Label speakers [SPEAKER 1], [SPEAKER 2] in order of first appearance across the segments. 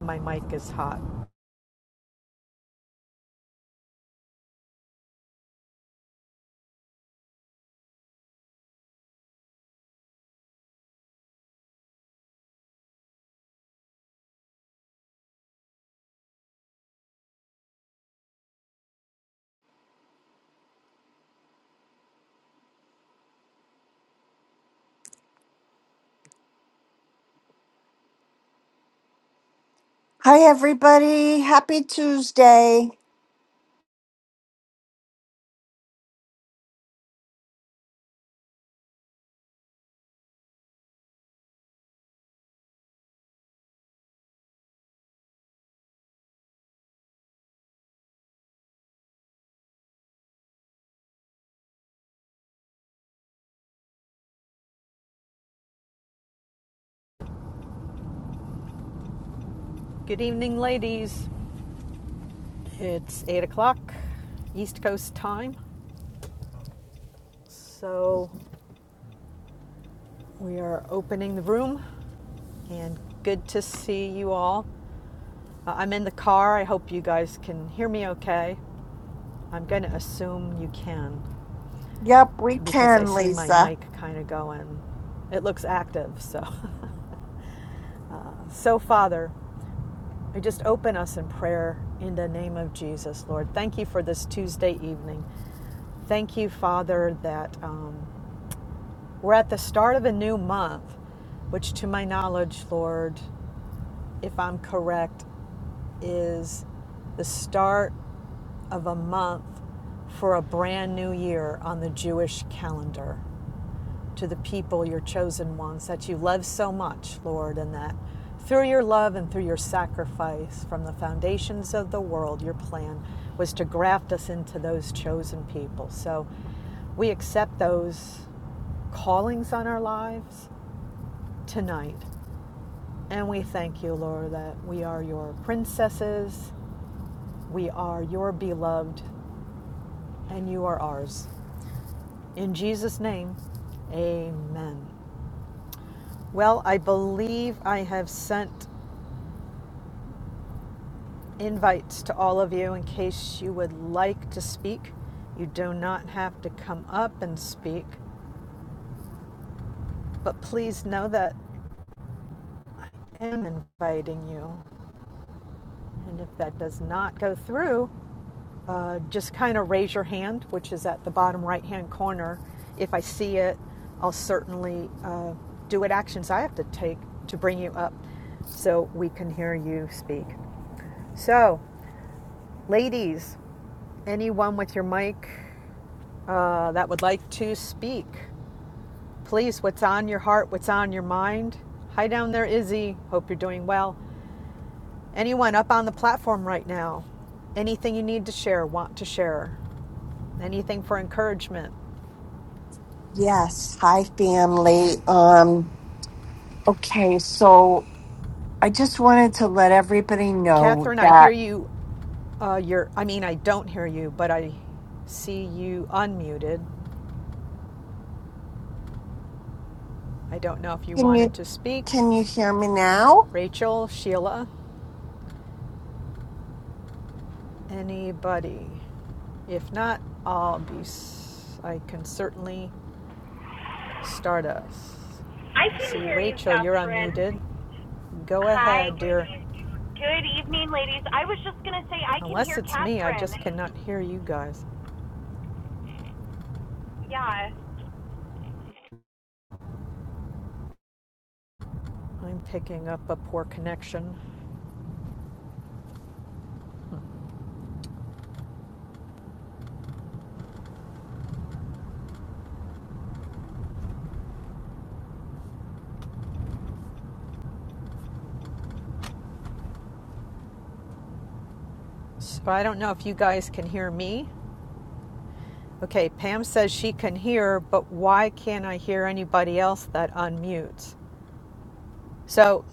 [SPEAKER 1] My mic is hot.
[SPEAKER 2] Hi, everybody. Happy Tuesday.
[SPEAKER 1] Good evening, ladies. It's 8 o'clock East Coast time. So we are opening the room and good to see you all. Uh, I'm in the car. I hope you guys can hear me okay. I'm going to assume you can.
[SPEAKER 2] Yep, we
[SPEAKER 1] because I
[SPEAKER 2] can,
[SPEAKER 1] see my
[SPEAKER 2] Lisa.
[SPEAKER 1] mic kind of going. It looks active, so. Uh, so, Father, I just open us in prayer in the name of Jesus, Lord. Thank you for this Tuesday evening. Thank you, Father, that um, we're at the start of a new month, which to my knowledge, Lord if I'm correct, is the start of a month for a brand new year on the Jewish calendar to the people, your chosen ones, that you love so much, Lord, and that through your love and through your sacrifice from the foundations of the world, your plan was to graft us into those chosen people. So we accept those callings on our lives tonight and we thank you, Lord, that we are your princesses, we are your beloved, and you are ours. In Jesus' name, amen. Well, I believe I have sent invites to all of you in case you would like to speak. You do not have to come up and speak, but please know that I am inviting you. And if that does not go through, uh, just kind of raise your hand, which is at the bottom right hand corner. If I see it, I'll certainly uh, do what actions I have to take to bring you up so we can hear you speak. So, ladies, anyone with your mic uh, that would like to speak, please, what's on your heart, what's on your mind? Hi down there, Izzy. Hope you're doing well. Anyone up on the platform right now? Anything you need to share, want to share? Anything for encouragement?
[SPEAKER 2] Yes. Hi, family. Um, okay, so I just wanted to let everybody know
[SPEAKER 1] Catherine, I hear
[SPEAKER 2] that
[SPEAKER 1] you. Uh, you're, I mean, I don't hear you, but I see you unmuted. I don't know if you
[SPEAKER 2] can
[SPEAKER 1] wanted
[SPEAKER 2] you
[SPEAKER 1] to speak.
[SPEAKER 2] can you hear me now?
[SPEAKER 1] Rachel, Sheila, anybody? If not, I'll be. s- i will be i can certainly start us.
[SPEAKER 3] I
[SPEAKER 1] I
[SPEAKER 3] can
[SPEAKER 1] see
[SPEAKER 3] hear you,
[SPEAKER 1] Rachel. You're
[SPEAKER 3] Catherine.
[SPEAKER 1] unmuted. Go
[SPEAKER 3] Hi,
[SPEAKER 1] ahead,
[SPEAKER 3] good,
[SPEAKER 1] dear.
[SPEAKER 3] good evening, ladies. I was just going to say I can
[SPEAKER 1] Unless
[SPEAKER 3] hear
[SPEAKER 1] it's me, I
[SPEAKER 3] Catherine.
[SPEAKER 1] just cannot hear you guys.
[SPEAKER 3] Yeah.
[SPEAKER 1] I'm picking up a poor connection. So I don't know if you guys can hear me. Okay, Pam says she can hear, but why can't I hear anybody else that unmutes? So,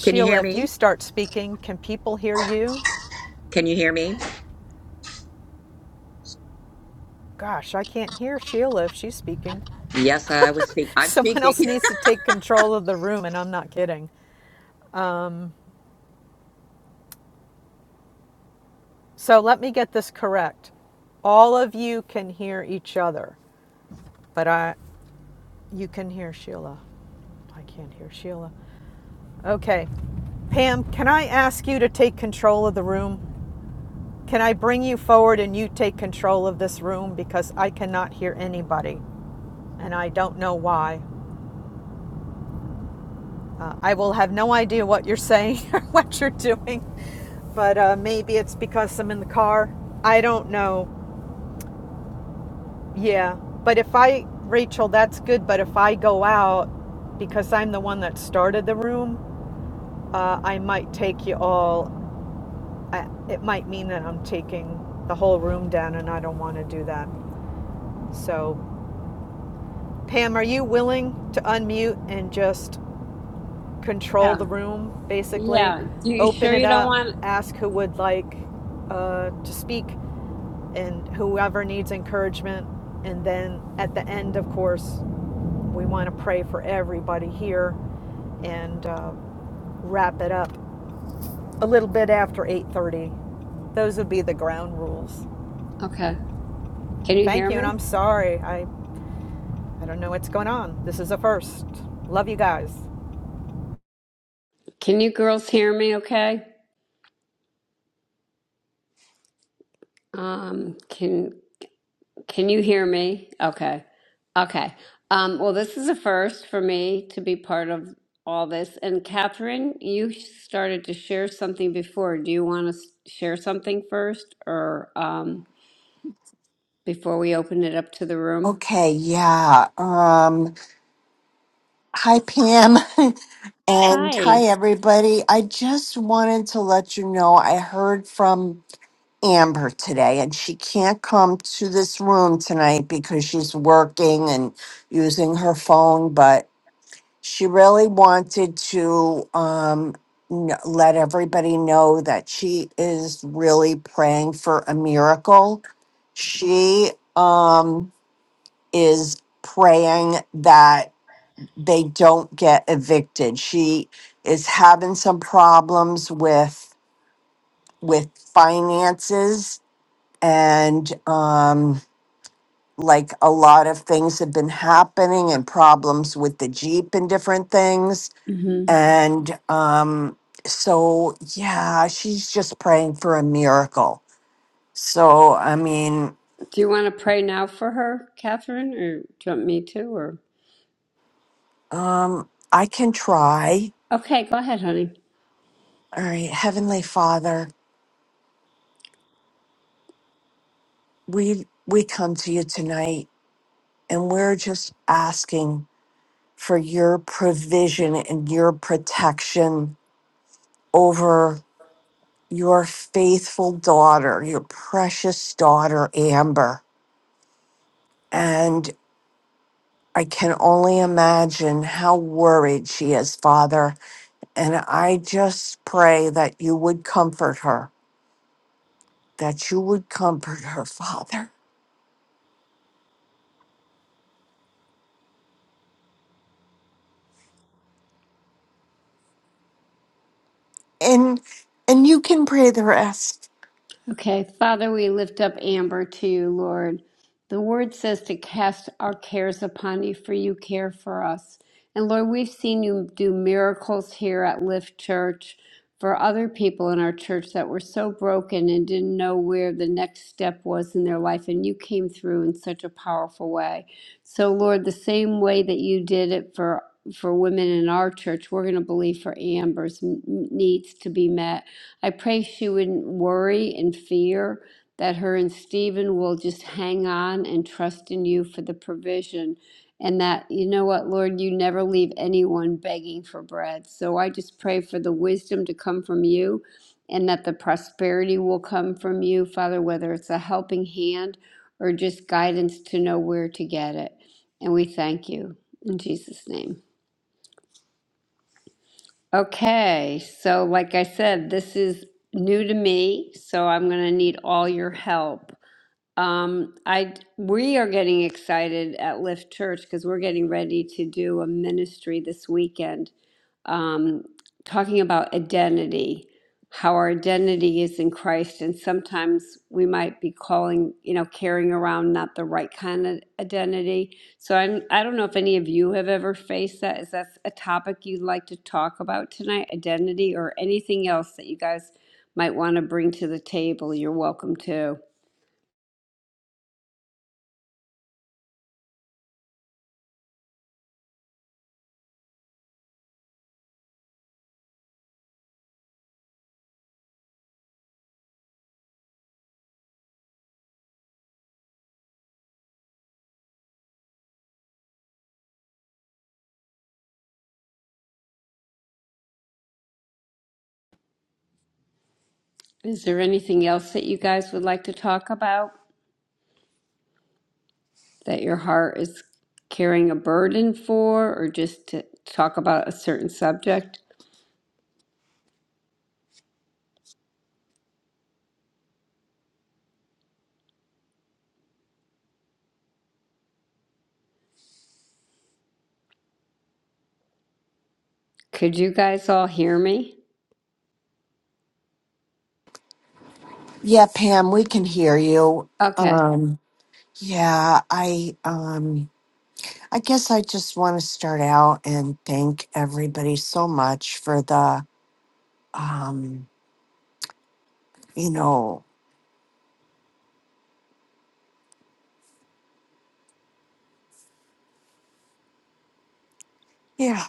[SPEAKER 4] Can you hear
[SPEAKER 1] if you
[SPEAKER 4] me?
[SPEAKER 1] start speaking, can people hear you?
[SPEAKER 4] Can you hear me?
[SPEAKER 1] Gosh, I can't hear Sheila if she's speaking.
[SPEAKER 4] Yes, I was speak. I'm
[SPEAKER 1] Someone
[SPEAKER 4] speaking.
[SPEAKER 1] else needs to take control of the room, and I'm not kidding. Um, So let me get this correct. All of you can hear each other, but I, You can hear Sheila. I can't hear Sheila. Okay. Pam, can I ask you to take control of the room? Can I bring you forward and you take control of this room because I cannot hear anybody and I don't know why. Uh, I will have no idea what you're saying or what you're doing, but uh, maybe it's because I'm in the car. I don't know. Yeah. But if I, Rachel, that's good, but if I go out because I'm the one that started the room, uh, I might take you all. I, it might mean that I'm taking the whole room down, and I don't want to do that. So, Pam, are you willing to unmute and just control
[SPEAKER 5] Yeah,
[SPEAKER 1] the room, basically?
[SPEAKER 5] yeah. you
[SPEAKER 1] Open
[SPEAKER 5] sure
[SPEAKER 1] it
[SPEAKER 5] you don't
[SPEAKER 1] up,
[SPEAKER 5] want?
[SPEAKER 1] ask who would like uh, to speak, and whoever needs encouragement. And then at the end, of course, we want to pray for everybody here and uh, wrap it up a little bit after 8:30. Those would be the ground rules.
[SPEAKER 5] Okay. Can you
[SPEAKER 1] Thank
[SPEAKER 5] hear
[SPEAKER 1] you, and
[SPEAKER 5] me?
[SPEAKER 1] I'm sorry. I I don't know what's going on. This is a first. Love you guys.
[SPEAKER 5] Can you girls hear me? Okay. Um. Can Can you hear me? Okay. Okay. Um. Well, this is a first for me to be part of all this. And Catherine, you started to share something before. Do you want to share something first, or um, before we open it up to the room?
[SPEAKER 2] Okay, yeah. Um, hi Pam and
[SPEAKER 5] Hi.
[SPEAKER 2] hi everybody. I just wanted to let you know I heard from Amber today, and she can't come to this room tonight because she's working and using her phone. But she really wanted to um, n- let everybody know that she is really praying for a miracle. She um, is praying that they don't get evicted. She is having some problems with with finances and um, like a lot of things have been happening and problems with the jeep and different things
[SPEAKER 5] hmm
[SPEAKER 2] and um, so yeah she's just praying for a miracle so i mean
[SPEAKER 5] Do you want to pray now for her, Catherine, or do you want me to, or?
[SPEAKER 2] um, i can try
[SPEAKER 5] Okay, go ahead, honey.
[SPEAKER 2] all right heavenly father we we come to you tonight and we're just asking for your provision and your protection over your faithful daughter, your precious daughter, Amber. And I can only imagine how worried she is, Father. And I just pray that you would comfort her, that you would comfort her, Father. And and you can pray the rest.
[SPEAKER 5] Okay, Father, we lift up Amber to you, Lord. The word says to cast our cares upon you, for you care for us. And Lord, we've seen you do miracles here at Lift Church for other people in our church that were so broken and didn't know where the next step was in their life. And you came through in such a powerful way. So, Lord, the same way that you did it for for women in our church, we're going to believe for Amber's n- needs to be met I pray she wouldn't worry and fear that her and Stephen will just hang on and trust in you for the provision. And that, you know what, Lord, you never leave anyone begging for bread. So I just pray for the wisdom to come from you and that the prosperity will come from you, Father, whether it's a helping hand or just guidance to know where to get it. And we thank you in Jesus' name. Okay, so like I said, this is new to me, so I'm going to need all your help. Um, I we are getting excited at Lift Church because we're getting ready to do a ministry this weekend um, talking about identity, how our identity is in Christ, and sometimes we might be calling, you know, carrying around not the right kind of identity. So I'm, I don't know if any of you have ever faced that. Is that a topic you'd like to talk about tonight, identity, or anything else that you guys might want to bring to the table? You're welcome to. Is there anything else that you guys would like to talk about? that your heart is carrying a burden for, or just to talk about a certain subject. Could you guys all hear me?
[SPEAKER 2] Yeah, Pam, we can hear you.
[SPEAKER 5] Okay.
[SPEAKER 2] Um yeah, I um I guess I just want to start out and thank everybody so much for the um you know. Yeah,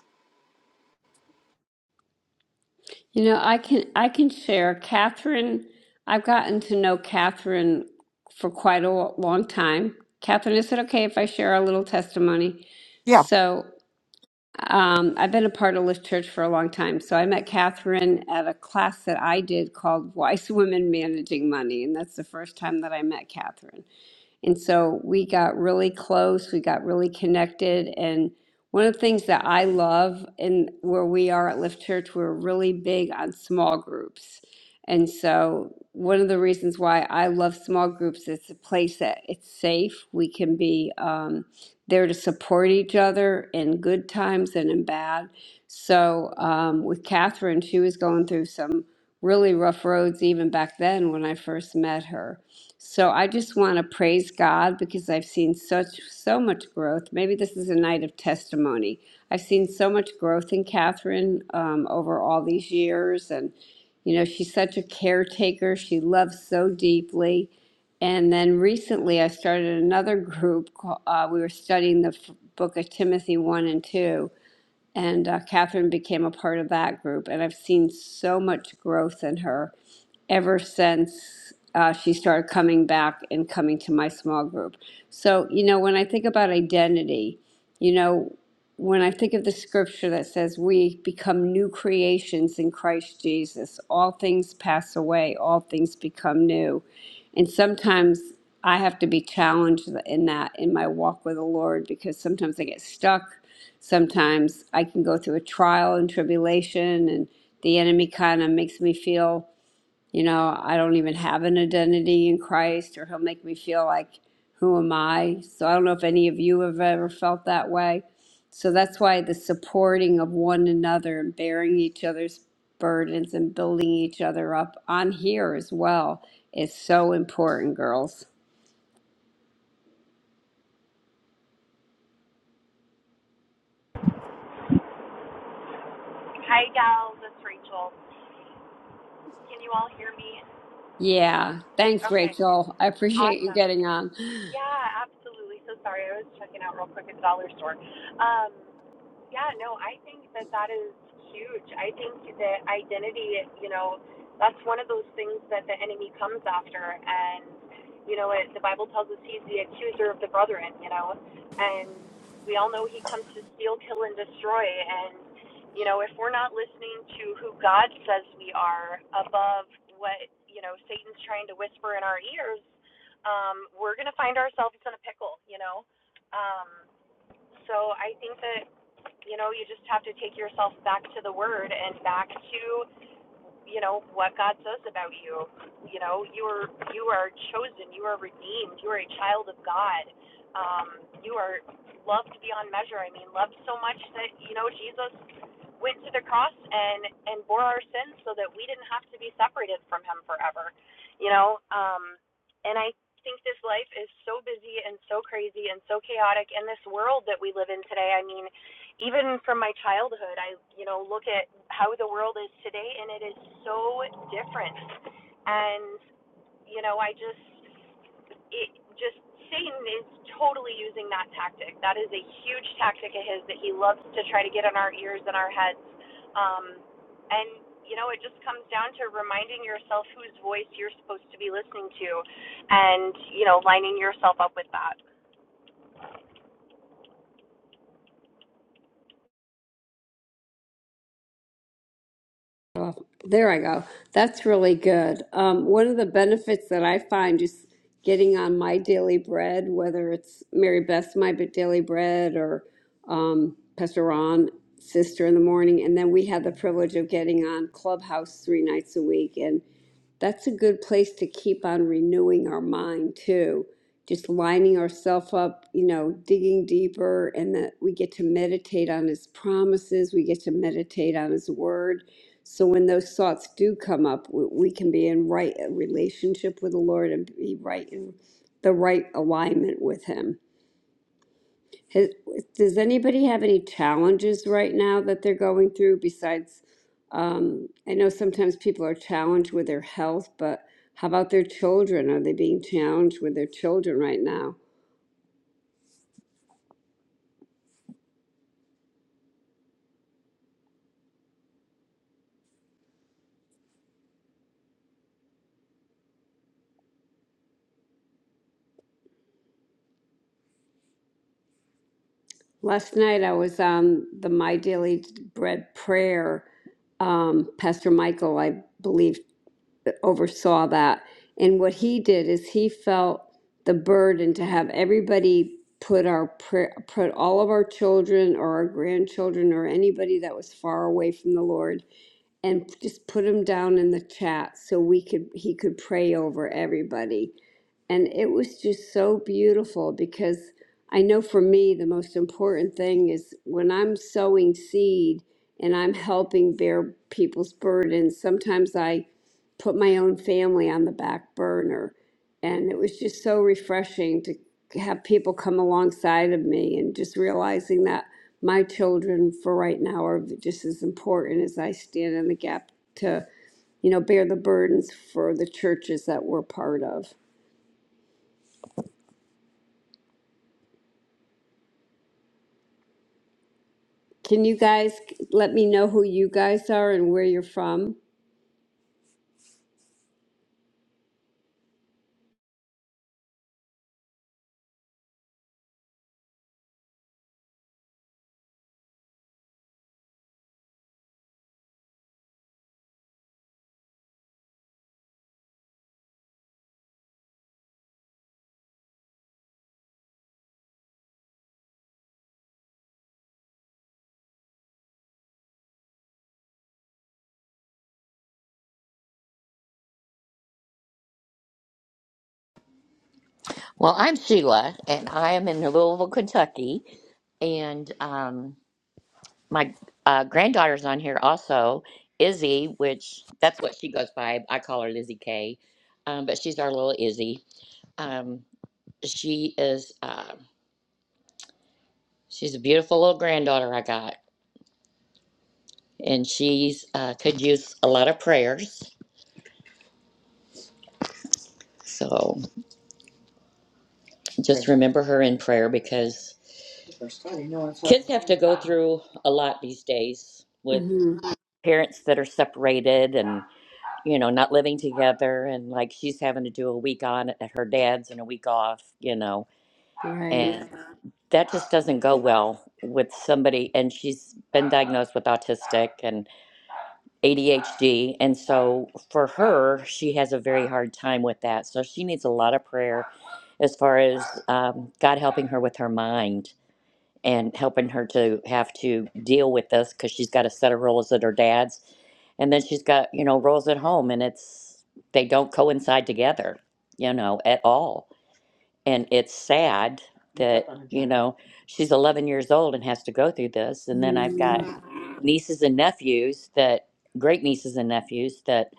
[SPEAKER 5] You know, I can I can share. Catherine, I've gotten to know Catherine for quite a lo- long time. Catherine, is it okay if I share a little testimony?
[SPEAKER 2] yeah.
[SPEAKER 5] So, um, I've been a part of Lift Church for a long time. So I met Catherine at a class that I did called Wise Women Managing Money, and that's the first time that I met Catherine. And so we got really close, we got really connected. And one of the things that I love and where we are at Lift Church, we're really big on small groups. And so one of the reasons why I love small groups, it's a place that it's safe. We can be um, there to support each other in good times and in bad. So um, with Catherine, she was going through some really rough roads even back then when I first met her. So I just want to praise God because I've seen such so much growth. Maybe this is a night of testimony. I've seen so much growth in Catherine um, over all these years, and you know she's such a caretaker. She loves so deeply. And then recently, I started another group. ca- Uh, we were studying the f- book of Timothy one and two, and uh, Catherine became a part of that group. And I've seen so much growth in her ever since uh, she started coming back and coming to my small group. So, you know, when I think about identity, you know, when I think of the scripture that says we become new creations in Christ Jesus, all things pass away, all things become new. And sometimes I have to be challenged in that in my walk with the Lord because sometimes I get stuck. Sometimes I can go through a trial and tribulation, and the enemy kind of makes me feel. You know, I don't even have an identity in Christ, or He'll make me feel like, who am I? So I don't know if any of you have ever felt that way. So that's why the supporting of one another and bearing each other's burdens and building each other up on here as well is so important, girls.
[SPEAKER 3] Hi, gals. It's Rachel. Can you all hear me?
[SPEAKER 5] Yeah. Thanks,
[SPEAKER 3] Okay.
[SPEAKER 5] Rachel. I appreciate you
[SPEAKER 3] Awesome.
[SPEAKER 5] getting on.
[SPEAKER 3] Yeah, absolutely. So sorry. I was checking out real quick at the dollar store. Um, Yeah, no, I think that that is huge. I think that identity, you know, that's one of those things that the enemy comes after. And, you know, it, the Bible tells us he's the accuser of the brethren, you know, and we all know he comes to steal, kill, and destroy. And, you know, if we're not listening to who God says we are above what, you know, Satan's trying to whisper in our ears, um, we're going to find ourselves in a pickle, you know. Um, so I think that you know, you just have to take yourself back to the word and back to, you know, what God says about you. You know, you are you are chosen, you are redeemed, you are a child of God. Um, you are loved beyond measure. I mean, loved so much that, you know, Jesus went to the cross and and bore our sins so that we didn't have to be separated from him forever. You know, um and I think this life is so busy and so crazy and so chaotic in this world that we live in today. I mean, even from my childhood i you know look at how the world is today and it is so different and you know i just it just satan is totally using that tactic that is a huge tactic of his that he loves to try to get in our ears and our heads um and you know it just comes down to reminding yourself whose voice you're supposed to be listening to and you know lining yourself up with that
[SPEAKER 5] Oh, there I go. That's really good. Um, one of the benefits that I find just getting on my daily bread, whether it's Mary Beth's My Daily Bread or um, Pastor Ron Sister in the morning, and then we had the privilege of getting on Clubhouse three nights a week. and that's a good place to keep on renewing our mind too. Just lining ourselves up, you know, digging deeper, and that we get to meditate on His promises. We get to meditate on His Word. So when those thoughts do come up, we, we can be in right uh, relationship with the Lord and be right in the right alignment with Him. Has, does anybody have any challenges right now that they're going through besides, um, I know sometimes people are challenged with their health, but how about their children? Are they being challenged with their children right now? Last night I was on the My Daily Bread prayer. Um, Pastor Michael, I believe, oversaw that. And what he did is he felt the burden to have everybody put our prayer, put all of our children or our grandchildren or anybody that was far away from the Lord and just put them down in the chat so we could he could pray over everybody. And it was just so beautiful because I know for me the most important thing is when I'm sowing seed and I'm helping bear people's burdens, sometimes I put my own family on the back burner. And it was just so refreshing to have people come alongside of me and just realizing that my children for right now are just as important as I stand in the gap to, you know, bear the burdens for the churches that we're part of. Can you guys let me know who you guys are and where you're from?
[SPEAKER 4] Well, I'm Sheila, and I am in Louisville, Kentucky, and um, my uh, granddaughter's on here also, Izzy, which that's what she goes by. I call her Lizzie K, um, but she's our little Izzy. Um, she is uh, she's a beautiful little granddaughter I got, and she's uh, could use a lot of prayers. So just remember her in prayer because. First time, you know, that's what Kids have to go through a lot these days with
[SPEAKER 5] hmm
[SPEAKER 4] parents that are separated and, you know, not living together. And like she's having to do a week on at her dad's and a week off, you know,
[SPEAKER 5] Right.
[SPEAKER 4] and that just doesn't go well with somebody. And she's been diagnosed with autistic and ADHD. And so for her, she has a very hard time with that. So she needs a lot of prayer as far as um, God helping her with her mind and helping her to have to deal with this because she's got a set of rules at her dad's, and then she's got you know rules at home, and it's they don't coincide together, you know, at all, and it's sad that you know she's 11 years old and has to go through this, and then I've got
[SPEAKER 5] Mm,
[SPEAKER 4] nieces and nephews that great nieces and nephews that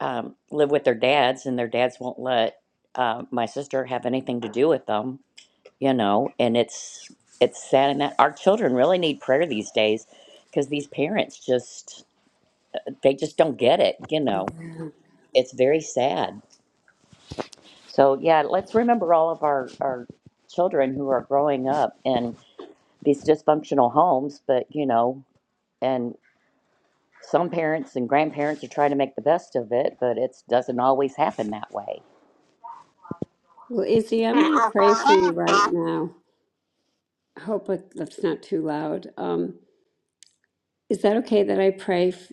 [SPEAKER 4] um, live with their dads, and their dads won't let uh, my sister have anything to do with them you know and it's it's sad and that our children really need prayer these days because these parents just they just don't get it you know
[SPEAKER 5] yeah.
[SPEAKER 4] it's very sad so yeah let's remember all of our our children who are growing up in these dysfunctional homes but you know and some parents and grandparents are trying to make the best of it but it doesn't always happen that way
[SPEAKER 5] Well, Izzy, I'm going to pray for you right now. I hope it- that's not too loud. Um, Is that okay that I pray? F-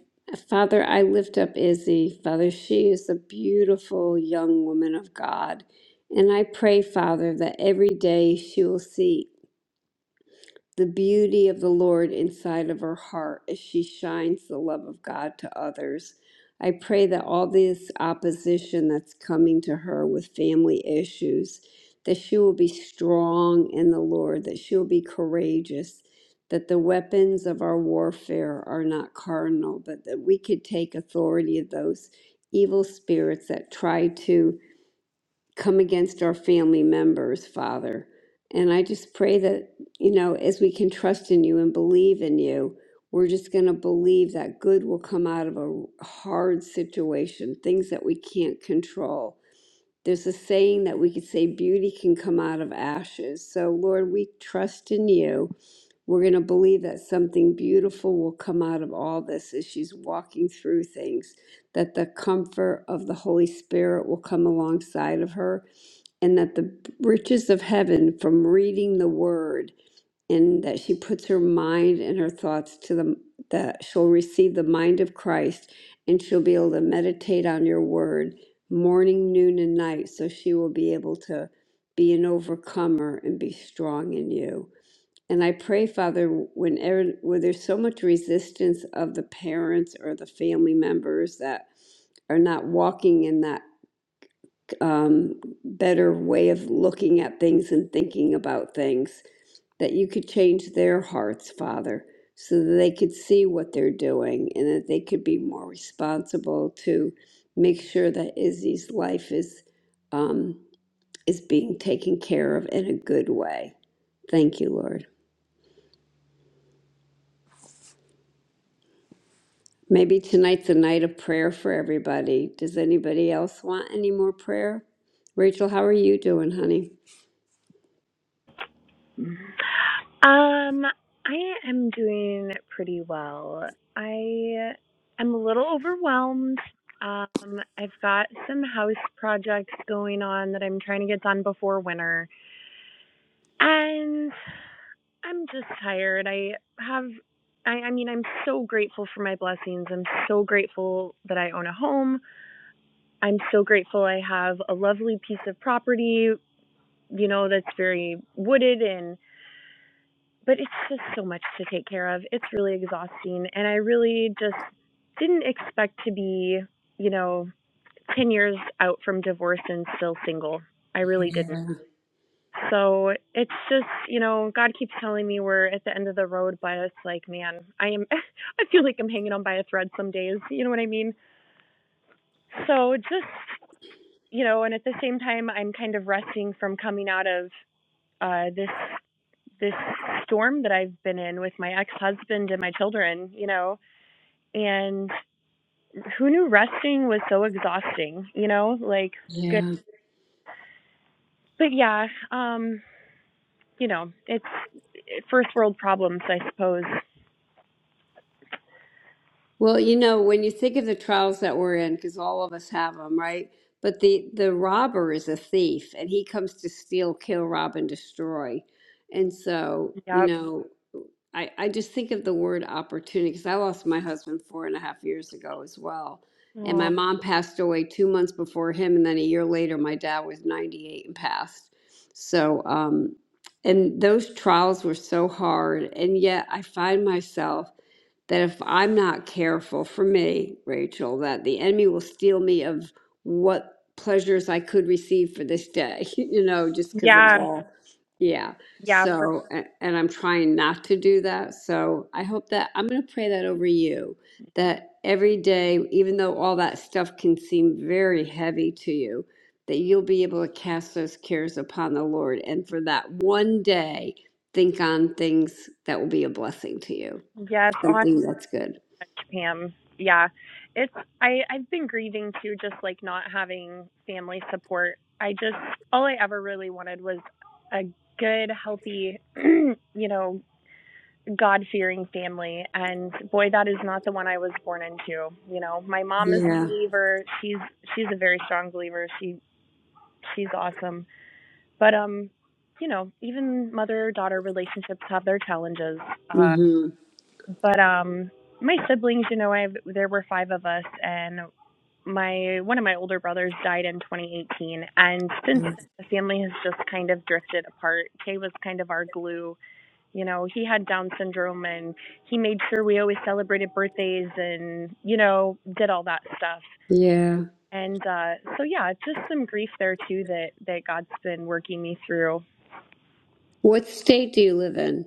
[SPEAKER 5] Father, I lift up Izzy. Father, she is a beautiful young woman of God. And I pray, Father, that every day she will see the beauty of the Lord inside of her heart as she shines the love of God to others. I pray that all this opposition that's coming to her with family issues, that she will be strong in the Lord, that she will be courageous, that the weapons of our warfare are not carnal, but that we could take authority of those evil spirits that try to come against our family members, Father. And I just pray that, you know, as we can trust in you and believe in you, we're just going to believe that good will come out of a hard situation, things that we can't control. There's a saying that we could say beauty can come out of ashes. So, Lord, we trust in you. We're going to believe that something beautiful will come out of all this as she's walking through things, that the comfort of the Holy Spirit will come alongside of her, and that the riches of heaven from reading the word and that she puts her mind and her thoughts to the that she'll receive the mind of Christ and she'll be able to meditate on your word morning, noon, and night, so she will be able to be an overcomer and be strong in you. And I pray, Father, whenever where there's so much resistance of the parents or the family members that are not walking in that um, better way of looking at things and thinking about things, that you could change their hearts, Father, so that they could see what they're doing and that they could be more responsible to make sure that Izzy's life is um, is being taken care of in a good way. Thank you, Lord. Maybe tonight's a night of prayer for everybody. Does anybody else want any more prayer? Rachel, how are you doing, honey?
[SPEAKER 3] Um, I am doing pretty well. I am a little overwhelmed. Um, I've got some house projects going on that I'm trying to get done before winter. And I'm just tired. I have I, I mean, I'm so grateful for my blessings. I'm so grateful that I own a home. I'm so grateful I have a lovely piece of property, you know, that's very wooded and but it's just so much to take care of. It's really exhausting. And I really just didn't expect to be, you know, 10 years out from divorce and still single. I really didn't.
[SPEAKER 5] Yeah.
[SPEAKER 3] So it's just, you know, God keeps telling me we're at the end of the road, but it's like, man, I am, I feel like I'm hanging on by a thread some days. You know what I mean? So just, you know, and at the same time, I'm kind of resting from coming out of uh, this this storm that I've been in with my ex-husband and my children, you know. And who knew resting was so exhausting, you know? Like good.
[SPEAKER 5] Yeah.
[SPEAKER 3] But yeah, um, you know, it's first world problems, I suppose.
[SPEAKER 5] Well, you know, when you think of the trials that we're in, because all of us have them, right? But the the robber is a thief, and he comes to steal, kill, rob, and destroy. And so, you
[SPEAKER 3] Yep.
[SPEAKER 5] know, I I just think of the word opportunity because I lost my husband four and a half years ago as well, and my
[SPEAKER 3] Aw.
[SPEAKER 5] mom passed away two months before him, and then a year later, my dad was ninety eight and passed. So, um, and those trials were so hard, and yet I find myself that if I'm not careful for me, Rachel, that the enemy will steal me of what pleasures I could receive for this day, you know, just because of
[SPEAKER 3] Yeah.
[SPEAKER 5] all. Yeah.
[SPEAKER 3] Yeah, for
[SPEAKER 5] So, a- and I'm trying not to do that. So I hope that I'm going to pray that over you that every day, even though all that stuff can seem very heavy to you, that you'll be able to cast those cares upon the Lord. And for that one day, think on things that will be a blessing to you.
[SPEAKER 3] yes, on
[SPEAKER 5] Something that's good.
[SPEAKER 3] Pam. Yeah. It's I I've been grieving too just like not having family support. I just all I ever really wanted was a good healthy, you know, God fearing family. And boy, that is not the one I was born into. You know, my mom is a
[SPEAKER 5] Yeah.
[SPEAKER 3] believer. She's she's a very strong believer. She she's awesome. But um, you know, even mother daughter relationships have their challenges. Uh,
[SPEAKER 5] Mhm.
[SPEAKER 3] but um, my siblings, you know, I there were five of us, and my one of my older brothers died in 2018, and since then, the family has just kind of drifted apart. Kay was kind of our glue you know he had down syndrome and he made sure we always celebrated birthdays and you know did all that stuff
[SPEAKER 5] Yeah.
[SPEAKER 3] and uh so yeah just some grief there too that that god's been working me through
[SPEAKER 5] What state do you live in?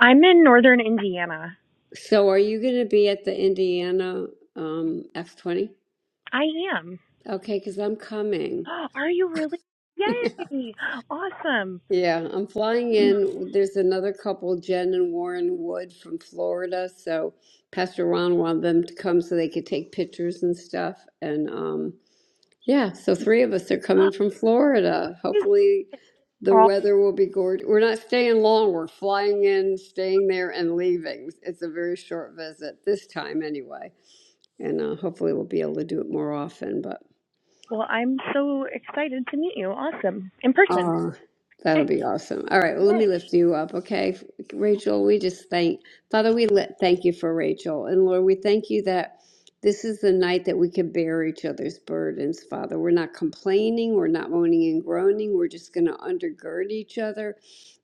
[SPEAKER 3] i'm in northern indiana
[SPEAKER 5] So are you going to be at the Indiana um F20?
[SPEAKER 3] i am
[SPEAKER 5] Okay, cuz I'm coming.
[SPEAKER 3] Oh, are you really yay awesome
[SPEAKER 5] Yeah, I'm flying in. There's another couple, Jen and Warren Wood from Florida. So Pastor Ron wanted them to come so they could take pictures and stuff. And um, Yeah, so three of us are coming from Florida. Hopefully, the
[SPEAKER 3] oh
[SPEAKER 5] weather will be gorgeous. We're not staying long. We're flying in, staying there, and leaving. It's a very short visit this time, anyway. And uh, hopefully, we'll be able to do it more often. But
[SPEAKER 3] well i'm so excited to meet you awesome in person
[SPEAKER 5] Oh, that'll be awesome. All right, well, let
[SPEAKER 3] yay
[SPEAKER 5] me lift you up, okay? Rachel, we just thank, Father, we let, thank you for Rachel. And Lord, we thank you that this is the night that we can bear each other's burdens, Father. We're not complaining, we're not moaning and groaning, we're just going to undergird each other.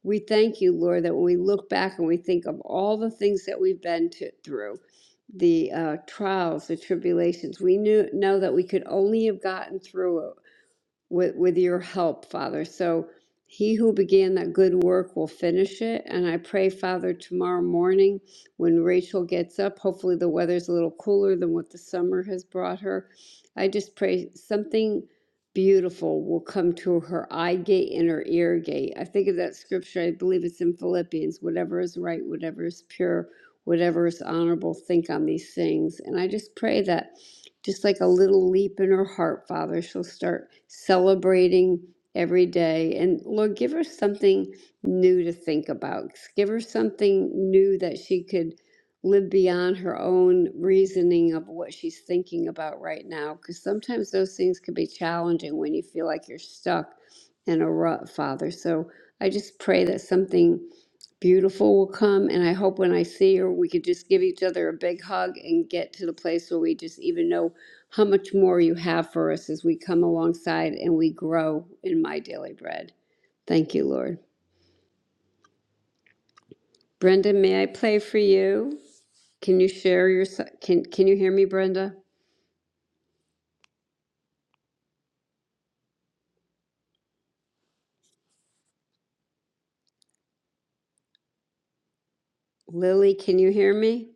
[SPEAKER 5] We thank you, Lord, that when we look back and we think of all the things that we've been to, through, the uh, trials, the tribulations, we knew know that we could only have gotten through it with with your help, Father. So he who began that good work will finish it. And I pray, Father, tomorrow morning when Rachel gets up, hopefully the weather's a little cooler than what the summer has brought her. I just pray something beautiful will come to her eye gate and her ear gate. I think of that scripture, I believe it's in Philippians, whatever is right, whatever is pure, whatever is honorable, think on these things. And I just pray that just like a little leap in her heart, Father. She'll start celebrating every day. And Lord, give her something new to think about. Give her something new that she could live beyond her own reasoning of what she's thinking about right now. Because sometimes those things can be challenging when you feel like you're stuck in a rut, Father. So I just pray that something Beautiful will come, and I hope when I see her, we could just give each other a big hug and get to the place where we just even know how much more you have for us as we come alongside and we grow in my daily bread. Thank you, Lord. Brenda, may I play for you? Can you share your s- can Can you hear me, Brenda? Lily, can you hear me?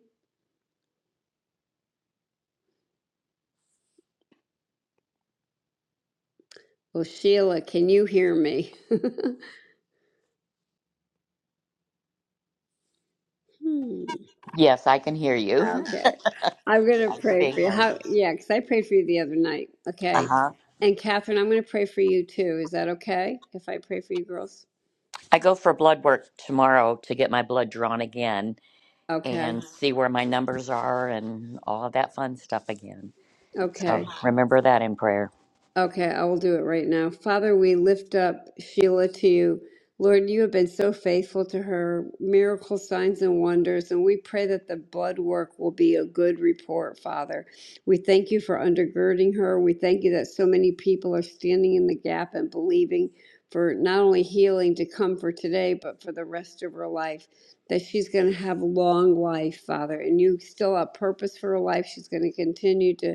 [SPEAKER 5] Well, Sheila, can you hear me? Hmm.
[SPEAKER 4] yes i can hear you
[SPEAKER 5] Okay. I'm going to
[SPEAKER 4] yeah you're
[SPEAKER 5] pray
[SPEAKER 4] being
[SPEAKER 5] for you.
[SPEAKER 4] heard
[SPEAKER 5] How, yeah, because I prayed for you the other night. Okay.
[SPEAKER 4] uh-huh
[SPEAKER 5] And Catherine, I'm going to pray for you too. Is that okay if I pray for you girls?
[SPEAKER 4] i go for blood work tomorrow to get my blood drawn again
[SPEAKER 5] Okay.
[SPEAKER 4] and see where my numbers are and all of that fun stuff again. So
[SPEAKER 5] Okay.
[SPEAKER 4] remember that in prayer.
[SPEAKER 5] Okay, I will do it right now. Father, we lift up Sheila to you. Lord, you have been so faithful to her, miracle signs and wonders, and we pray that the blood work will be a good report, Father. We thank you for undergirding her. We thank you that so many people are standing in the gap and believing for not only healing to come for today, but for the rest of her life, that she's going to have long life, Father, and you still have purpose for her life. She's going to continue to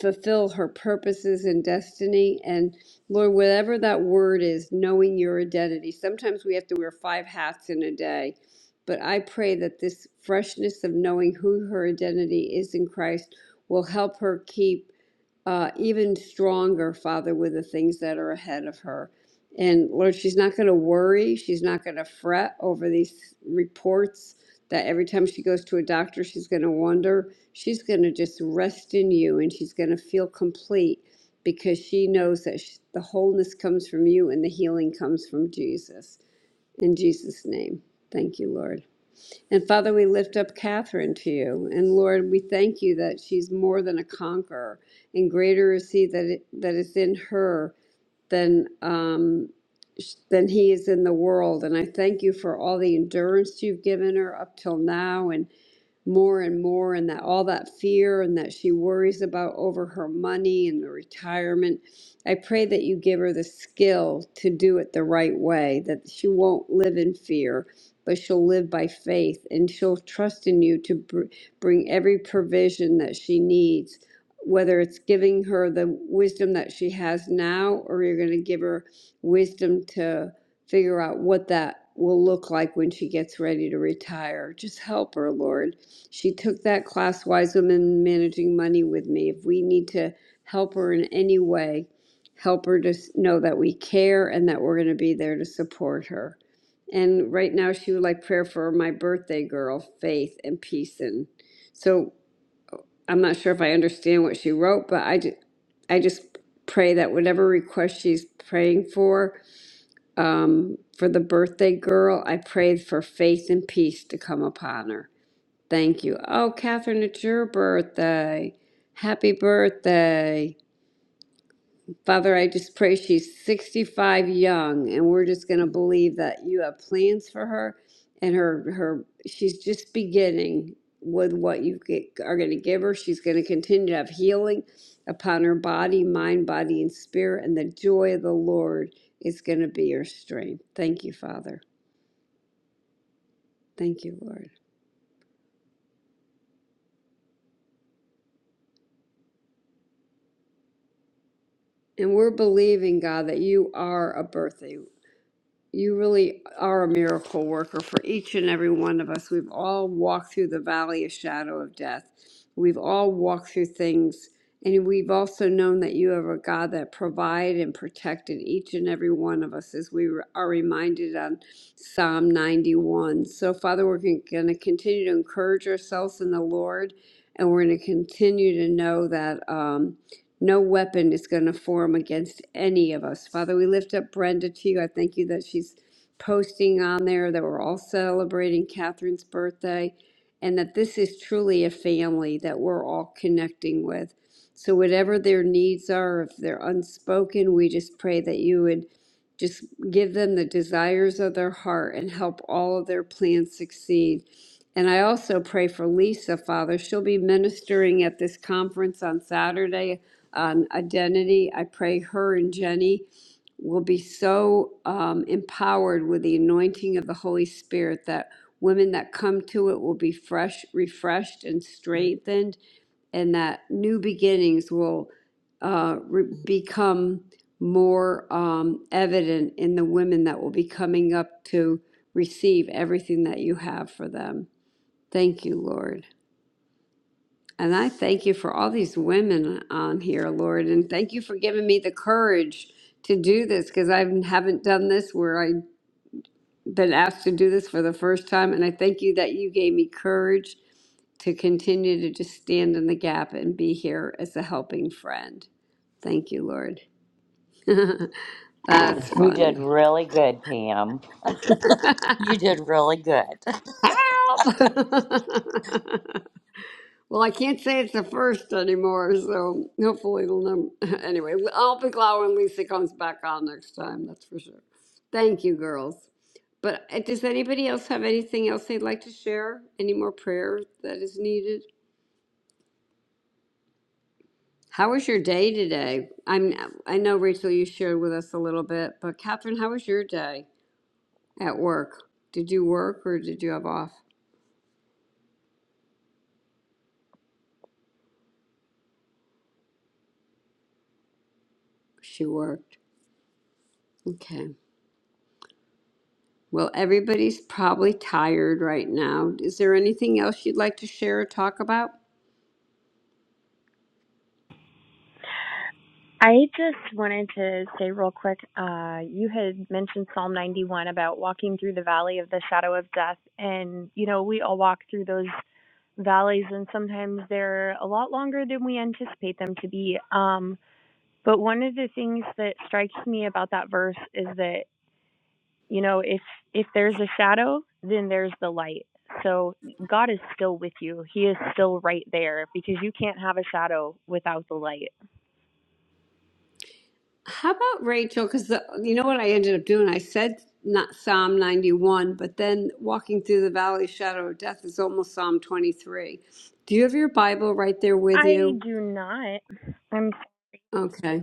[SPEAKER 5] fulfill her purposes and destiny. And Lord, whatever that word is, knowing your identity. Sometimes we have to wear five hats in a day. But I pray that this freshness of knowing who her identity is in Christ will help her keep uh, even stronger, Father, with the things that are ahead of her. And Lord, she's not going to worry. She's not going to fret over these reports that every time she goes to a doctor, she's going to wonder. She's going to just rest in you and she's going to feel complete because she knows that sh the wholeness comes from you and the healing comes from Jesus. In Jesus' name, thank you, Lord. And Father, we lift up Catherine to you. And Lord, we thank you that she's more than a conqueror, and greater is He that, it, that is in her than, um, sh- than He is in the world. And I thank you for all the endurance you've given her up till now. And more and more and that all that fear and that she worries about over her money and the retirement. I pray that you give her the skill to do it the right way, that she won't live in fear, but she'll live by faith and she'll trust in you to br- bring every provision that she needs, whether it's giving her the wisdom that she has now or you're going to give her wisdom to figure out what that will look like when she gets ready to retire. Just help her, Lord she took that class, Wise Women Managing Money, with me. If we need to help her in any way, help her to s- know that we care and that we're going to be there to support her. And right now, she would like prayer for my birthday girl, Faith and Peace. And so I'm not sure if I understand what she wrote, but I just, I just pray that whatever request she's praying for, um, for the birthday girl, I pray for faith and peace to come upon her. Thank you. Oh, Catherine, it's your birthday. Happy birthday. Father, I just pray she's 65 young and we're just going to believe that you have plans for her and her her she's just beginning with what you get, are going to give her. She's going to continue to have healing upon her body, mind, body and spirit and the joy of the Lord is going to be her strength. Thank you, Father. Thank you, Lord. And we're believing, God, that you are a birthday. you really are a miracle worker for each and every one of us. We've all walked through the valley of shadow of death. We've all walked through things, and we've also known that you are a God that provided and protected each and every one of us, as we are reminded on Psalm 91. So, Father, we're going to continue to encourage ourselves in the Lord, and we're going to continue to know that. Um, no weapon is going to form against any of us. Father, we lift up Brenda to you. I thank you that she's posting on there that we're all celebrating Catherine's birthday and that this is truly a family that we're all connecting with. So, whatever their needs are, if they're unspoken, we just pray that you would just give them the desires of their heart and help all of their plans succeed. And I also pray for Lisa, Father. She'll be ministering at this conference on Saturday um, identity. I pray her and Jenny will be so um, empowered with the anointing of the Holy Spirit that women that come to it will be fresh, refreshed, and strengthened, and that new beginnings will uh, re- become more um, evident in the women that will be coming up to receive everything that you have for them. Thank you, Lord. And I thank you for all these women on here, Lord, and thank you for giving me the courage to do this because I haven't done this where I've been asked to do this for the first time. And I thank you that you gave me courage to continue to just stand in the gap and be here as a helping friend. Thank you, Lord. That's
[SPEAKER 4] You did
[SPEAKER 5] funny.
[SPEAKER 4] really good, Pam. You did really good.
[SPEAKER 5] Help! Well, I can't say it's the first anymore, so hopefully it'll num- anyway, I'll be glad when Lisa comes back on next time, that's for sure. Thank you, girls. But uh, does anybody else have anything else they'd like to share? Any more prayer that is needed? How was your day today? I'm I know Rachel you shared with us a little bit, but Catherine, how was your day at work? Did you work or did you have off? She worked. Okay. Well, everybody's probably tired right now. Is there anything else you'd like to share or talk about?
[SPEAKER 3] I just wanted to say real quick, uh, you had mentioned Psalm 91 about walking through the valley of the shadow of death. And, you know, we all walk through those valleys, and sometimes they're a lot longer than we anticipate them to be. Um, but one of the things that strikes me about that verse is that, you know, if if there's a shadow, then there's the light. So God is still with you. He is still right there because you can't have a shadow without the light.
[SPEAKER 5] How about Rachel? Because you know what I ended up doing? I said not Psalm 91, but then walking through the valley of shadow of death is almost Psalm 23. Do you have your Bible right there with
[SPEAKER 3] I
[SPEAKER 5] you?
[SPEAKER 3] do not. I'm
[SPEAKER 5] Okay.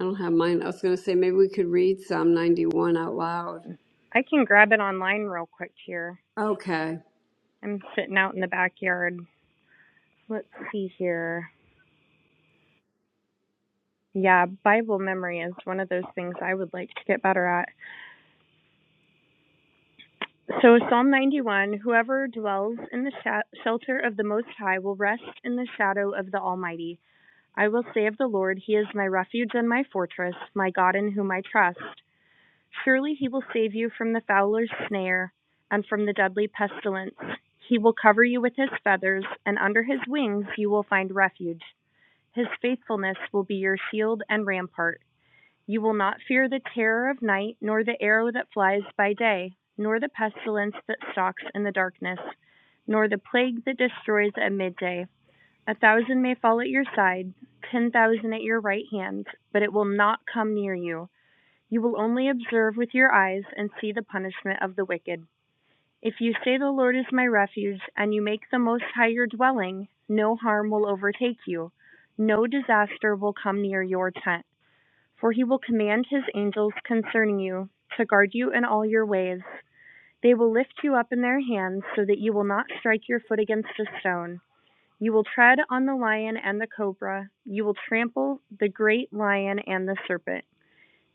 [SPEAKER 5] I don't have mine. I was going to say maybe we could read Psalm 91 out loud.
[SPEAKER 3] I can grab it online real quick here.
[SPEAKER 5] Okay.
[SPEAKER 3] I'm sitting out in the backyard. Let's see here. Yeah, Bible memory is one of those things I would like to get better at. So, Psalm 91 Whoever dwells in the sh- shelter of the Most High will rest in the shadow of the Almighty. I will say of the Lord, He is my refuge and my fortress, my God in whom I trust. Surely he will save you from the fowler's snare and from the deadly pestilence. He will cover you with his feathers, and under his wings you will find refuge. His faithfulness will be your shield and rampart. You will not fear the terror of night, nor the arrow that flies by day, nor the pestilence that stalks in the darkness, nor the plague that destroys at midday. A thousand may fall at your side, ten thousand at your right hand, but it will not come near you. You will only observe with your eyes and see the punishment of the wicked. If you say, The Lord is my refuge, and you make the Most High your dwelling, no harm will overtake you, no disaster will come near your tent. For he will command his angels concerning you to guard you in all your ways. They will lift you up in their hands so that you will not strike your foot against a stone. You will tread on the lion and the cobra, you will trample the great lion and the serpent.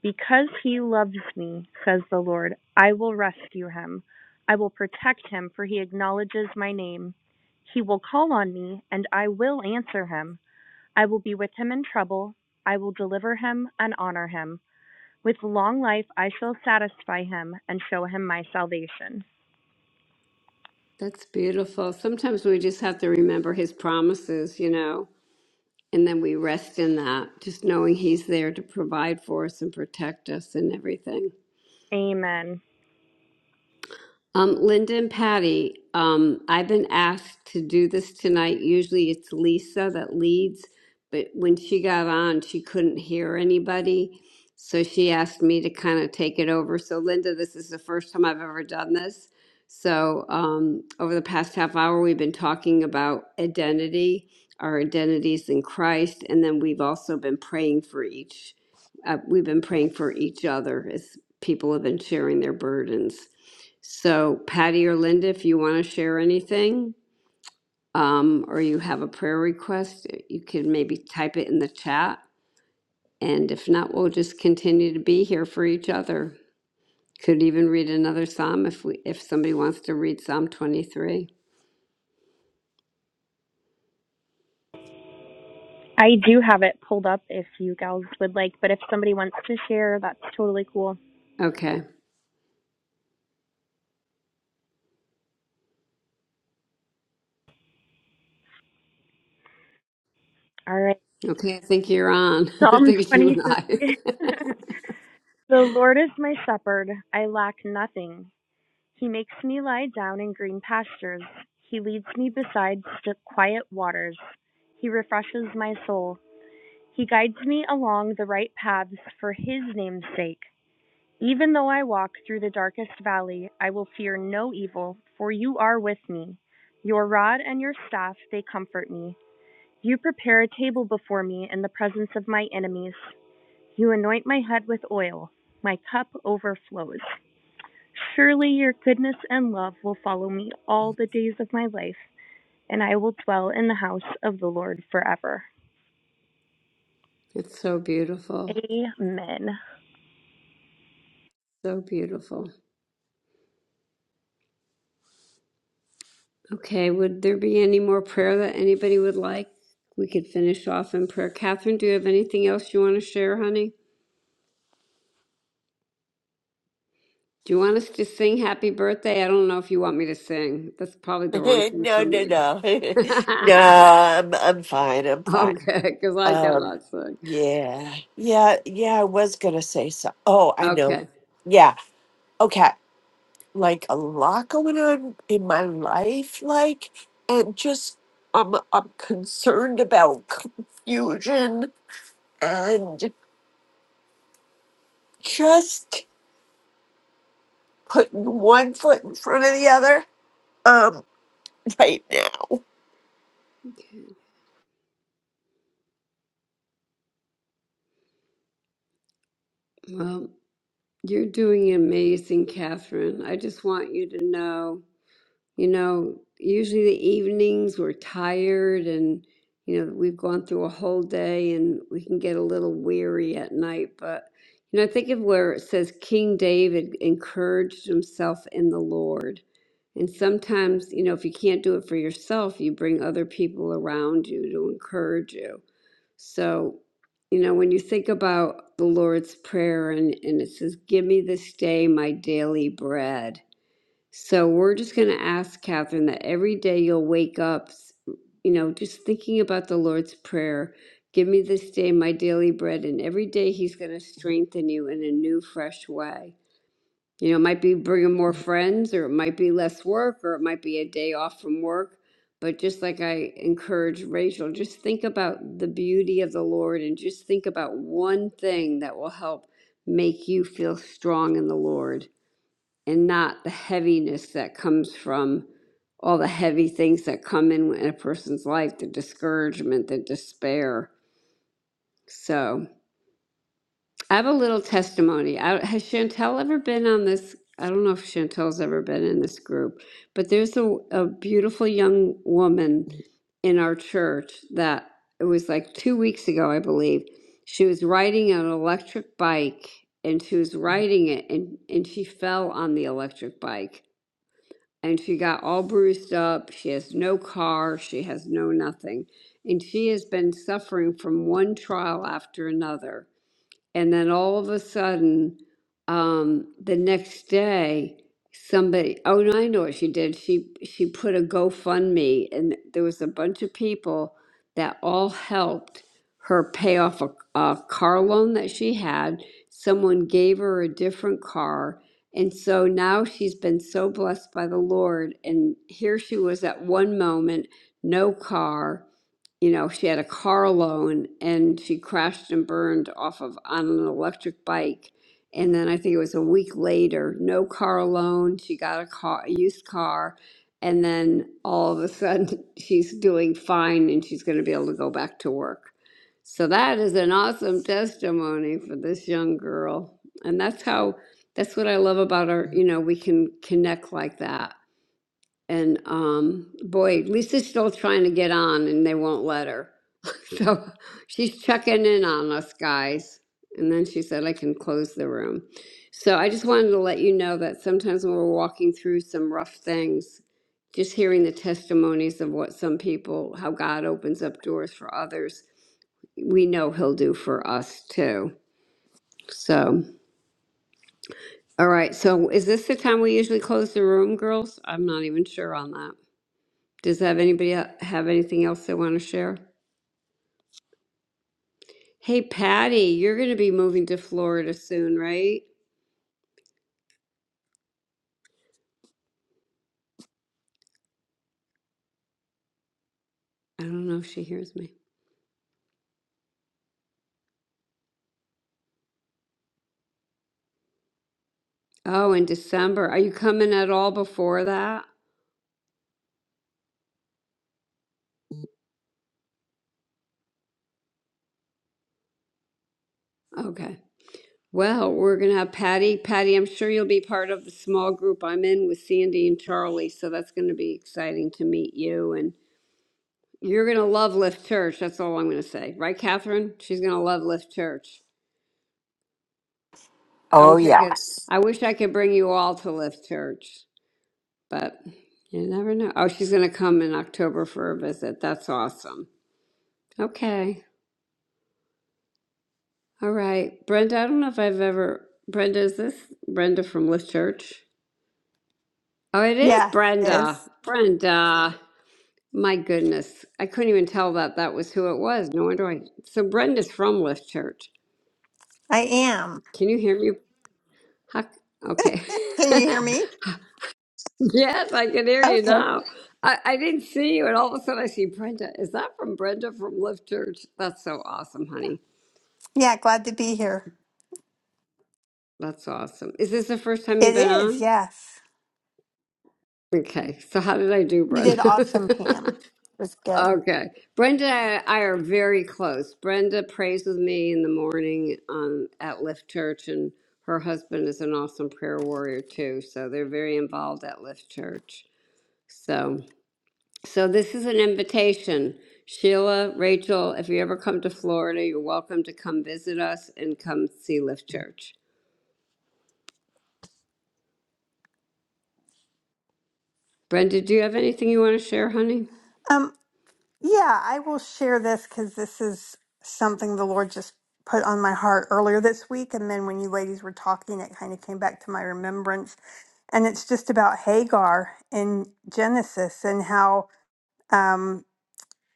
[SPEAKER 3] Because he loves me, says the Lord, I will rescue him. I will protect him, for he acknowledges my name. He will call on me, and I will answer him. I will be with him in trouble. I will deliver him and honor him. With long life, I shall satisfy him and show him my salvation.
[SPEAKER 5] That's beautiful. Sometimes we just have to remember his promises, you know. And then we rest in that, just knowing He's there to provide for us and protect us and everything.
[SPEAKER 3] Amen.
[SPEAKER 5] Um, Linda and Patty, um, I've been asked to do this tonight. Usually it's Lisa that leads, but when she got on, she couldn't hear anybody. So she asked me to kind of take it over. So, Linda, this is the first time I've ever done this. So, um, over the past half hour, we've been talking about identity, our identities in Christ, and then we've also been praying for each. Uh, we've been praying for each other as people have been sharing their burdens. So Patty or Linda, if you want to share anything, um, or you have a prayer request, you can maybe type it in the chat. And if not, we'll just continue to be here for each other. Could even read another psalm if we, if somebody wants to read Psalm 23.
[SPEAKER 3] I do have it pulled up if you gals would like, but if somebody wants to share, that's totally cool.
[SPEAKER 5] Okay.
[SPEAKER 3] All right.
[SPEAKER 5] Okay, I think you're on. I
[SPEAKER 3] Psalm
[SPEAKER 5] think it's you and I.
[SPEAKER 3] 23. The Lord is my shepherd, I lack nothing. He makes me lie down in green pastures. He leads me beside st- quiet waters. He refreshes my soul. He guides me along the right paths for his name's sake. Even though I walk through the darkest valley, I will fear no evil, for you are with me. Your rod and your staff, they comfort me. You prepare a table before me in the presence of my enemies. You anoint my head with oil. My cup overflows. Surely your goodness and love will follow me all the days of my life, and I will dwell in the house of the Lord forever.
[SPEAKER 5] it's so beautiful.
[SPEAKER 3] Amen.
[SPEAKER 5] So beautiful. Okay, would there be any more prayer that anybody would like? We could finish off in prayer. Catherine, do you have anything else you want to share, honey? Do you want us to sing happy birthday? I don't know if you want me to sing. That's probably the wrong thing
[SPEAKER 2] no,
[SPEAKER 5] for
[SPEAKER 2] no,
[SPEAKER 5] me.
[SPEAKER 2] no.
[SPEAKER 5] okay,
[SPEAKER 2] no, I'm, I'm fine. I'm fine.
[SPEAKER 5] because I
[SPEAKER 2] Um,
[SPEAKER 5] cannot sing.
[SPEAKER 2] yeah, yeah, yeah. I was gonna say so. Oh, I know.
[SPEAKER 5] Okay.
[SPEAKER 2] Yeah. Okay. Like a lot going on in my life, like, and just I'm I'm concerned about confusion and just putting one foot in front of the other. Um, right now.
[SPEAKER 5] Okay, Well, you're doing amazing, Catherine. I just want you to know. You know, usually the evenings we're tired and, you know, we've gone through a whole day and we can get a little weary at night. But, you know, I think of where it says King David encouraged himself in the Lord. And sometimes, you know, if you can't do it for yourself, you bring other people around you to encourage you. So, you know, when you think about the Lord's Prayer and, and it says, Give me this day my daily bread so we're just going to ask Catherine that every day you'll wake up, s- you know, just thinking about the Lord's Prayer. Give me this day my daily bread. And every day he's going to strengthen you in a new, fresh way. You know, it might be bringing more friends, or it might be less work, or it might be a day off from work. But just like I encourage Rachel, just think about the beauty of the Lord and just think about one thing that will help make you feel strong in the Lord and not the heaviness that comes from all the heavy things that come in in a person's life, the discouragement, the despair. So I have a little testimony. I, has Chantel ever been on this? I don't know if Chantel's ever been in this group, but there's a, a beautiful young woman in our church that it was like two weeks ago, I believe. She was riding an electric bike and she was riding it and, and she fell on the electric bike and she got all bruised up. She has no car. She has no nothing. And she has been suffering from one trial after another. And then all of a sudden, um, the next day, somebody, oh, no, I know what she did. She, she put a GoFundMe and there was a bunch of people that all helped her pay off a, a car loan that she had. Someone gave her a different car. And so now she's been so blessed by the Lord. And here she was at one moment, no car you know, she had a car loan and she crashed and burned off of on an electric bike. And then I think it was a week later, no car loan. She got a car, a used car, and then all of a sudden she's doing fine and she's going to be able to go back to work. So that is an awesome testimony for this young girl. And that's how that's what I love about our, you know, we can connect like that. And um, boy, Lisa's still trying to get on and they won't let her. So she's checking in on us guys. And then she said, I can close the room. So I just wanted to let you know that sometimes when we're walking through some rough things, just hearing the testimonies of what some people, how God opens up doors for others, we know He'll do for us too. So, all right. So is this the time we usually close the room, girls? I'm not even sure on that. Does have anybody el- have anything else they want to share? Hey, Patty, you're going to be moving to Florida soon, right? I don't know if she hears me. Oh, in December. Are you coming at all before that? Okay. Well, we're going to have Patty. Patty, I'm sure you'll be part of the small group I'm in with Sandy and Charlie. So that's going to be exciting to meet you. And you're going to love Lift Church. That's all I'm going to say. Right, Catherine? She's going to love Lift Church. I
[SPEAKER 2] Oh,
[SPEAKER 5] wish I could.
[SPEAKER 2] yes.
[SPEAKER 5] I wish I could bring you all to Lift Church. but you never know. Oh, she's going to come in October for a visit. That's awesome. Okay. All right. Brenda, I don't know if I've ever. Brenda, is this Brenda from Lift Church? Oh, it is
[SPEAKER 6] Yes, it
[SPEAKER 5] Brenda.
[SPEAKER 6] is.
[SPEAKER 5] Brenda. My goodness. I couldn't even tell that that was who it was. No wonder I. So Brenda's from Lift Church.
[SPEAKER 6] I am.
[SPEAKER 5] Can you hear me? Huck? Okay.
[SPEAKER 6] Can you hear me?
[SPEAKER 5] yes, I can hear you
[SPEAKER 6] Okay.
[SPEAKER 5] now. I, I didn't see you, and all of a sudden I see Brenda. Is that from Brenda from Lift Church? That's so awesome, honey.
[SPEAKER 6] Yeah, glad to be here.
[SPEAKER 5] That's awesome. Is this the first time you've
[SPEAKER 6] It
[SPEAKER 5] been
[SPEAKER 6] is,
[SPEAKER 5] on?
[SPEAKER 6] yes.
[SPEAKER 5] Okay, so how did I do,
[SPEAKER 6] You did
[SPEAKER 5] Brenda?
[SPEAKER 6] awesome, Pam. It was good.
[SPEAKER 5] okay, Brenda and I are very close. Brenda prays with me in the morning um, at Lift Church, and her husband is an awesome prayer warrior too. So they're very involved at Lift Church. So, so this is an invitation. Sheila, Rachel, if you ever come to Florida, you're welcome to come visit us and come see Lift Church. Brenda, do you have anything you want to share, honey?
[SPEAKER 6] Um, yeah, I will share this because this is something the Lord just put on my heart earlier this week. And then when you ladies were talking, it kind of came back to my remembrance. And it's just about Hagar in Genesis and how. um,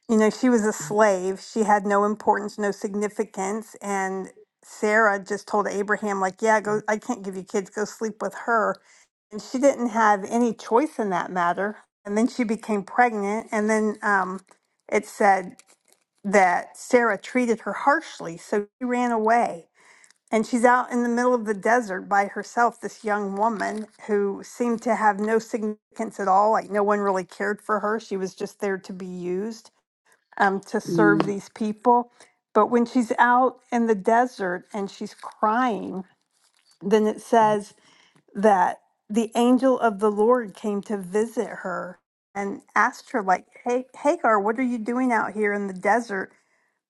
[SPEAKER 6] you know, she was a slave. She had no importance, no significance. And Sarah just told Abraham, like, yeah, go, I can't give you kids, go sleep with her. And she didn't have any choice in that matter. And then she became pregnant. And then um, it said that Sarah treated her harshly. So she ran away. And she's out in the middle of the desert by herself, this young woman who seemed to have no significance at all. Like, no one really cared for her. She was just there to be used um, to serve these people. But when she's out in the desert and she's crying, then it says that the angel of the Lord came to visit her and asked her, like, "Hey, Hagar, what are you doing out here in the desert?"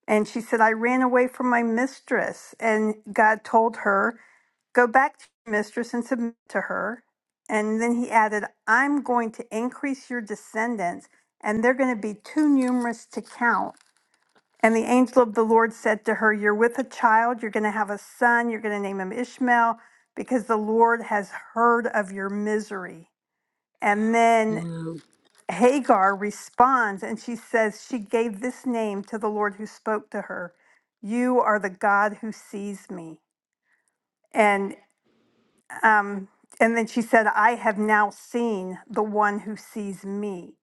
[SPEAKER 6] And she said, "I ran away from my mistress." And God told her, "Go back to your mistress and submit to her." And then He added, "I'm going to increase your descendants, and they're going to be too numerous to count." And the angel of the Lord said to her, You're with a child, you're going to have a son, you're going to name him Ishmael, because the Lord has heard of your misery. And then
[SPEAKER 5] Wow.
[SPEAKER 6] Hagar responds and she says, She gave this name to the Lord who spoke to her You are the God who sees me. And, um, and then she said, I have now seen the one who sees me.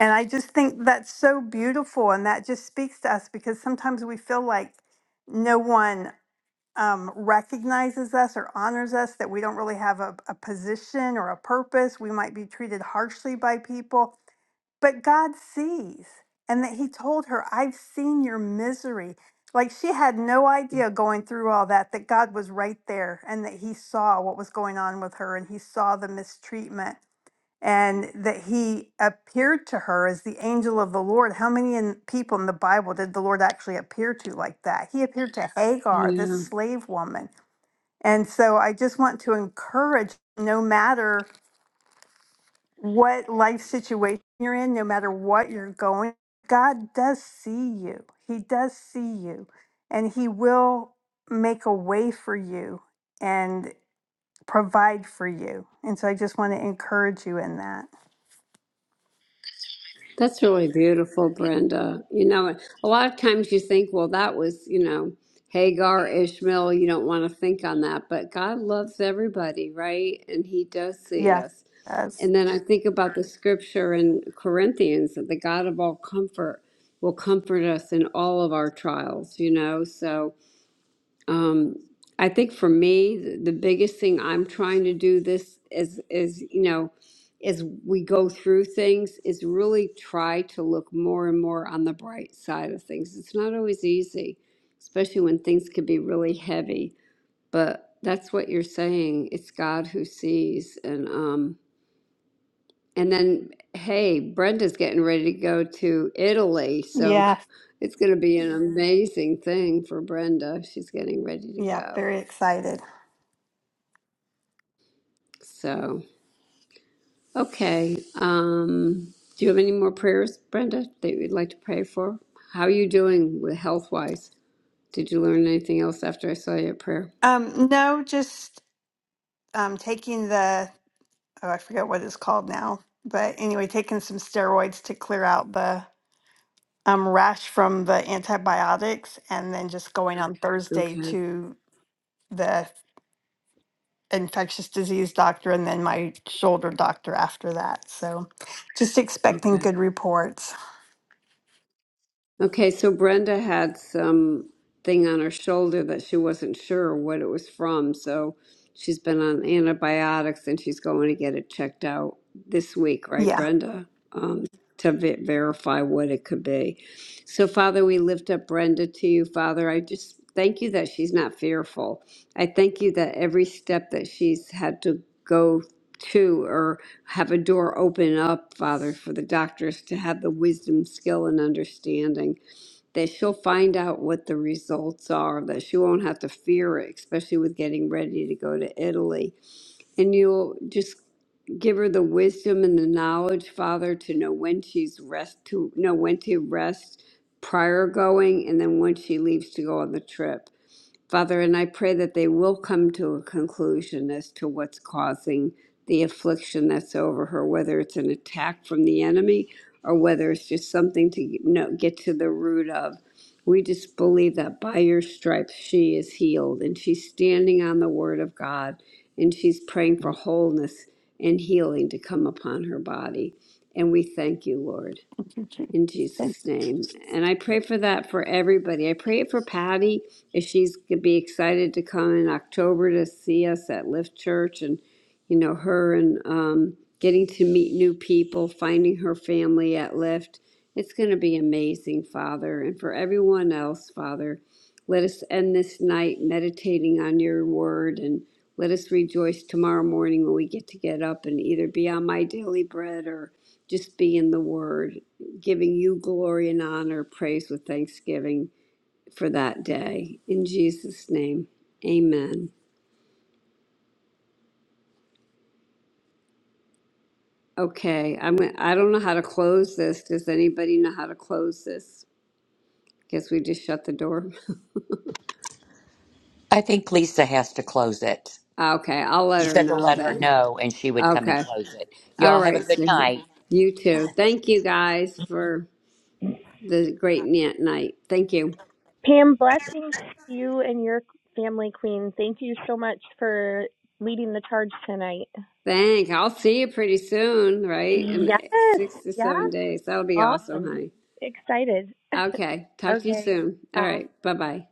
[SPEAKER 6] And I just think that's so beautiful. And that just speaks to us because sometimes we feel like, no one um, recognizes us or honors us, that we don't really have a, a position or a purpose. We might be treated harshly by people, but God sees. And that He told her, I've seen your misery. Like she had no idea going through all that, that God was right there and that He saw what was going on with her and He saw the mistreatment and that he appeared to her as the angel of the Lord. How many in, people in the Bible did the Lord actually appear to like that? He appeared to Hagar, this
[SPEAKER 5] Yeah.
[SPEAKER 6] slave woman. And so I just want to encourage no matter what life situation you're in, no matter what you're going, God does see you. He does see you, and He will make a way for you and provide for you. And so I just want to encourage you in that.
[SPEAKER 5] That's really beautiful, Brenda. You know, a lot of times you think, well, that was, you know, Hagar, Ishmael, you don't want to think on that, but God loves everybody, right? And He does see us.
[SPEAKER 6] Yes.
[SPEAKER 5] And then I think about the scripture in Corinthians that the God of all comfort will comfort us in all of our trials, you know? So, Um, I think for me, th- the biggest thing I'm trying to do this is is you know, as we go through things, is really try to look more and more on the bright side of things. It's not always easy, especially when things can be really heavy. But that's what you're saying. It's God who sees, and um, and then hey, Brenda's getting ready to go to Italy, so
[SPEAKER 6] Yeah,
[SPEAKER 5] it's going to be an Yeah. amazing thing for Brenda. She's getting ready to
[SPEAKER 6] yeah,
[SPEAKER 5] go.
[SPEAKER 6] very excited.
[SPEAKER 5] So, okay. Um, do you have any more prayers, Brenda, that you'd like to pray for? How are you doing with health wise? Did you learn anything else after I saw your prayer?
[SPEAKER 6] Um, no, just um, taking the, oh, I forget what it's called now, but anyway, taking some steroids to clear out the um, rash from the antibiotics, and then just going on Thursday
[SPEAKER 5] Okay.
[SPEAKER 6] to the infectious disease doctor and then my shoulder doctor after that. So just expecting
[SPEAKER 5] Okay.
[SPEAKER 6] good reports.
[SPEAKER 5] Okay, so Brenda had some thing on her shoulder that she wasn't sure what it was from, so she's been on antibiotics and she's going to get it checked out this week, right,
[SPEAKER 6] Yeah.
[SPEAKER 5] Brenda? Um, to ve- verify what it could be. So, Father, we lift up Brenda to you, Father. I just thank you that she's not fearful. I thank you that every step that she's had to go to have a door open up, Father, for the doctors to have the wisdom, skill, and understanding that she'll find out what the results are, that she won't have to fear it, especially with getting ready to go to Italy. And you'll just give her the wisdom and the knowledge, Father, to know when she's rest to know when to rest prior going and then when she leaves to go on the trip. Father, and I pray that they will come to a conclusion as to what's causing the affliction that's over her, whether it's an attack from the enemy or whether it's just something to you know, get to the root of. We just believe that by your stripes she is healed and she's standing on the word of God and she's praying for wholeness and healing to come upon her body. And we thank you, Lord
[SPEAKER 6] Thank you.
[SPEAKER 5] in
[SPEAKER 6] Chief.
[SPEAKER 5] Jesus' name. And I pray for that for everybody. I pray it for Patty if she's going to be excited to come in October to see us at Lift Church and, you know, her and um, getting to meet new people, finding her family at Lift. It's going to be amazing, Father. And for everyone else, Father, let us end this night meditating on your word and let us rejoice tomorrow morning when we get to get up and either be on my daily bread or just be in the word giving you glory and honor, praise with thanksgiving for that day. In Jesus' name, amen. Okay, I'm, I don't know how to close this. Does anybody know how to close this? Guess we just shut the door.
[SPEAKER 4] I think Lisa has to close it.
[SPEAKER 5] Okay, I'll
[SPEAKER 4] She
[SPEAKER 5] let her
[SPEAKER 4] said to
[SPEAKER 5] know
[SPEAKER 4] let her
[SPEAKER 5] then.
[SPEAKER 4] know and she would come and
[SPEAKER 5] Okay.
[SPEAKER 4] close it.
[SPEAKER 5] All
[SPEAKER 4] Y'all have a
[SPEAKER 5] right,
[SPEAKER 4] good
[SPEAKER 5] sweetheart.
[SPEAKER 4] night.
[SPEAKER 5] You too. Thank you guys for the great ni- night. Thank you.
[SPEAKER 3] Pam, blessings to you and your family, Queen. Thank you so much for leading the charge tonight.
[SPEAKER 5] Thank. I'll see you pretty soon, right? In
[SPEAKER 3] Yes,
[SPEAKER 5] six to
[SPEAKER 3] yeah,
[SPEAKER 5] seven days. That'll be awesome,
[SPEAKER 3] awesome.
[SPEAKER 5] honey.
[SPEAKER 3] Excited.
[SPEAKER 5] Okay. Talk to you
[SPEAKER 3] okay,
[SPEAKER 5] soon. All
[SPEAKER 3] bye.
[SPEAKER 5] right. Bye bye.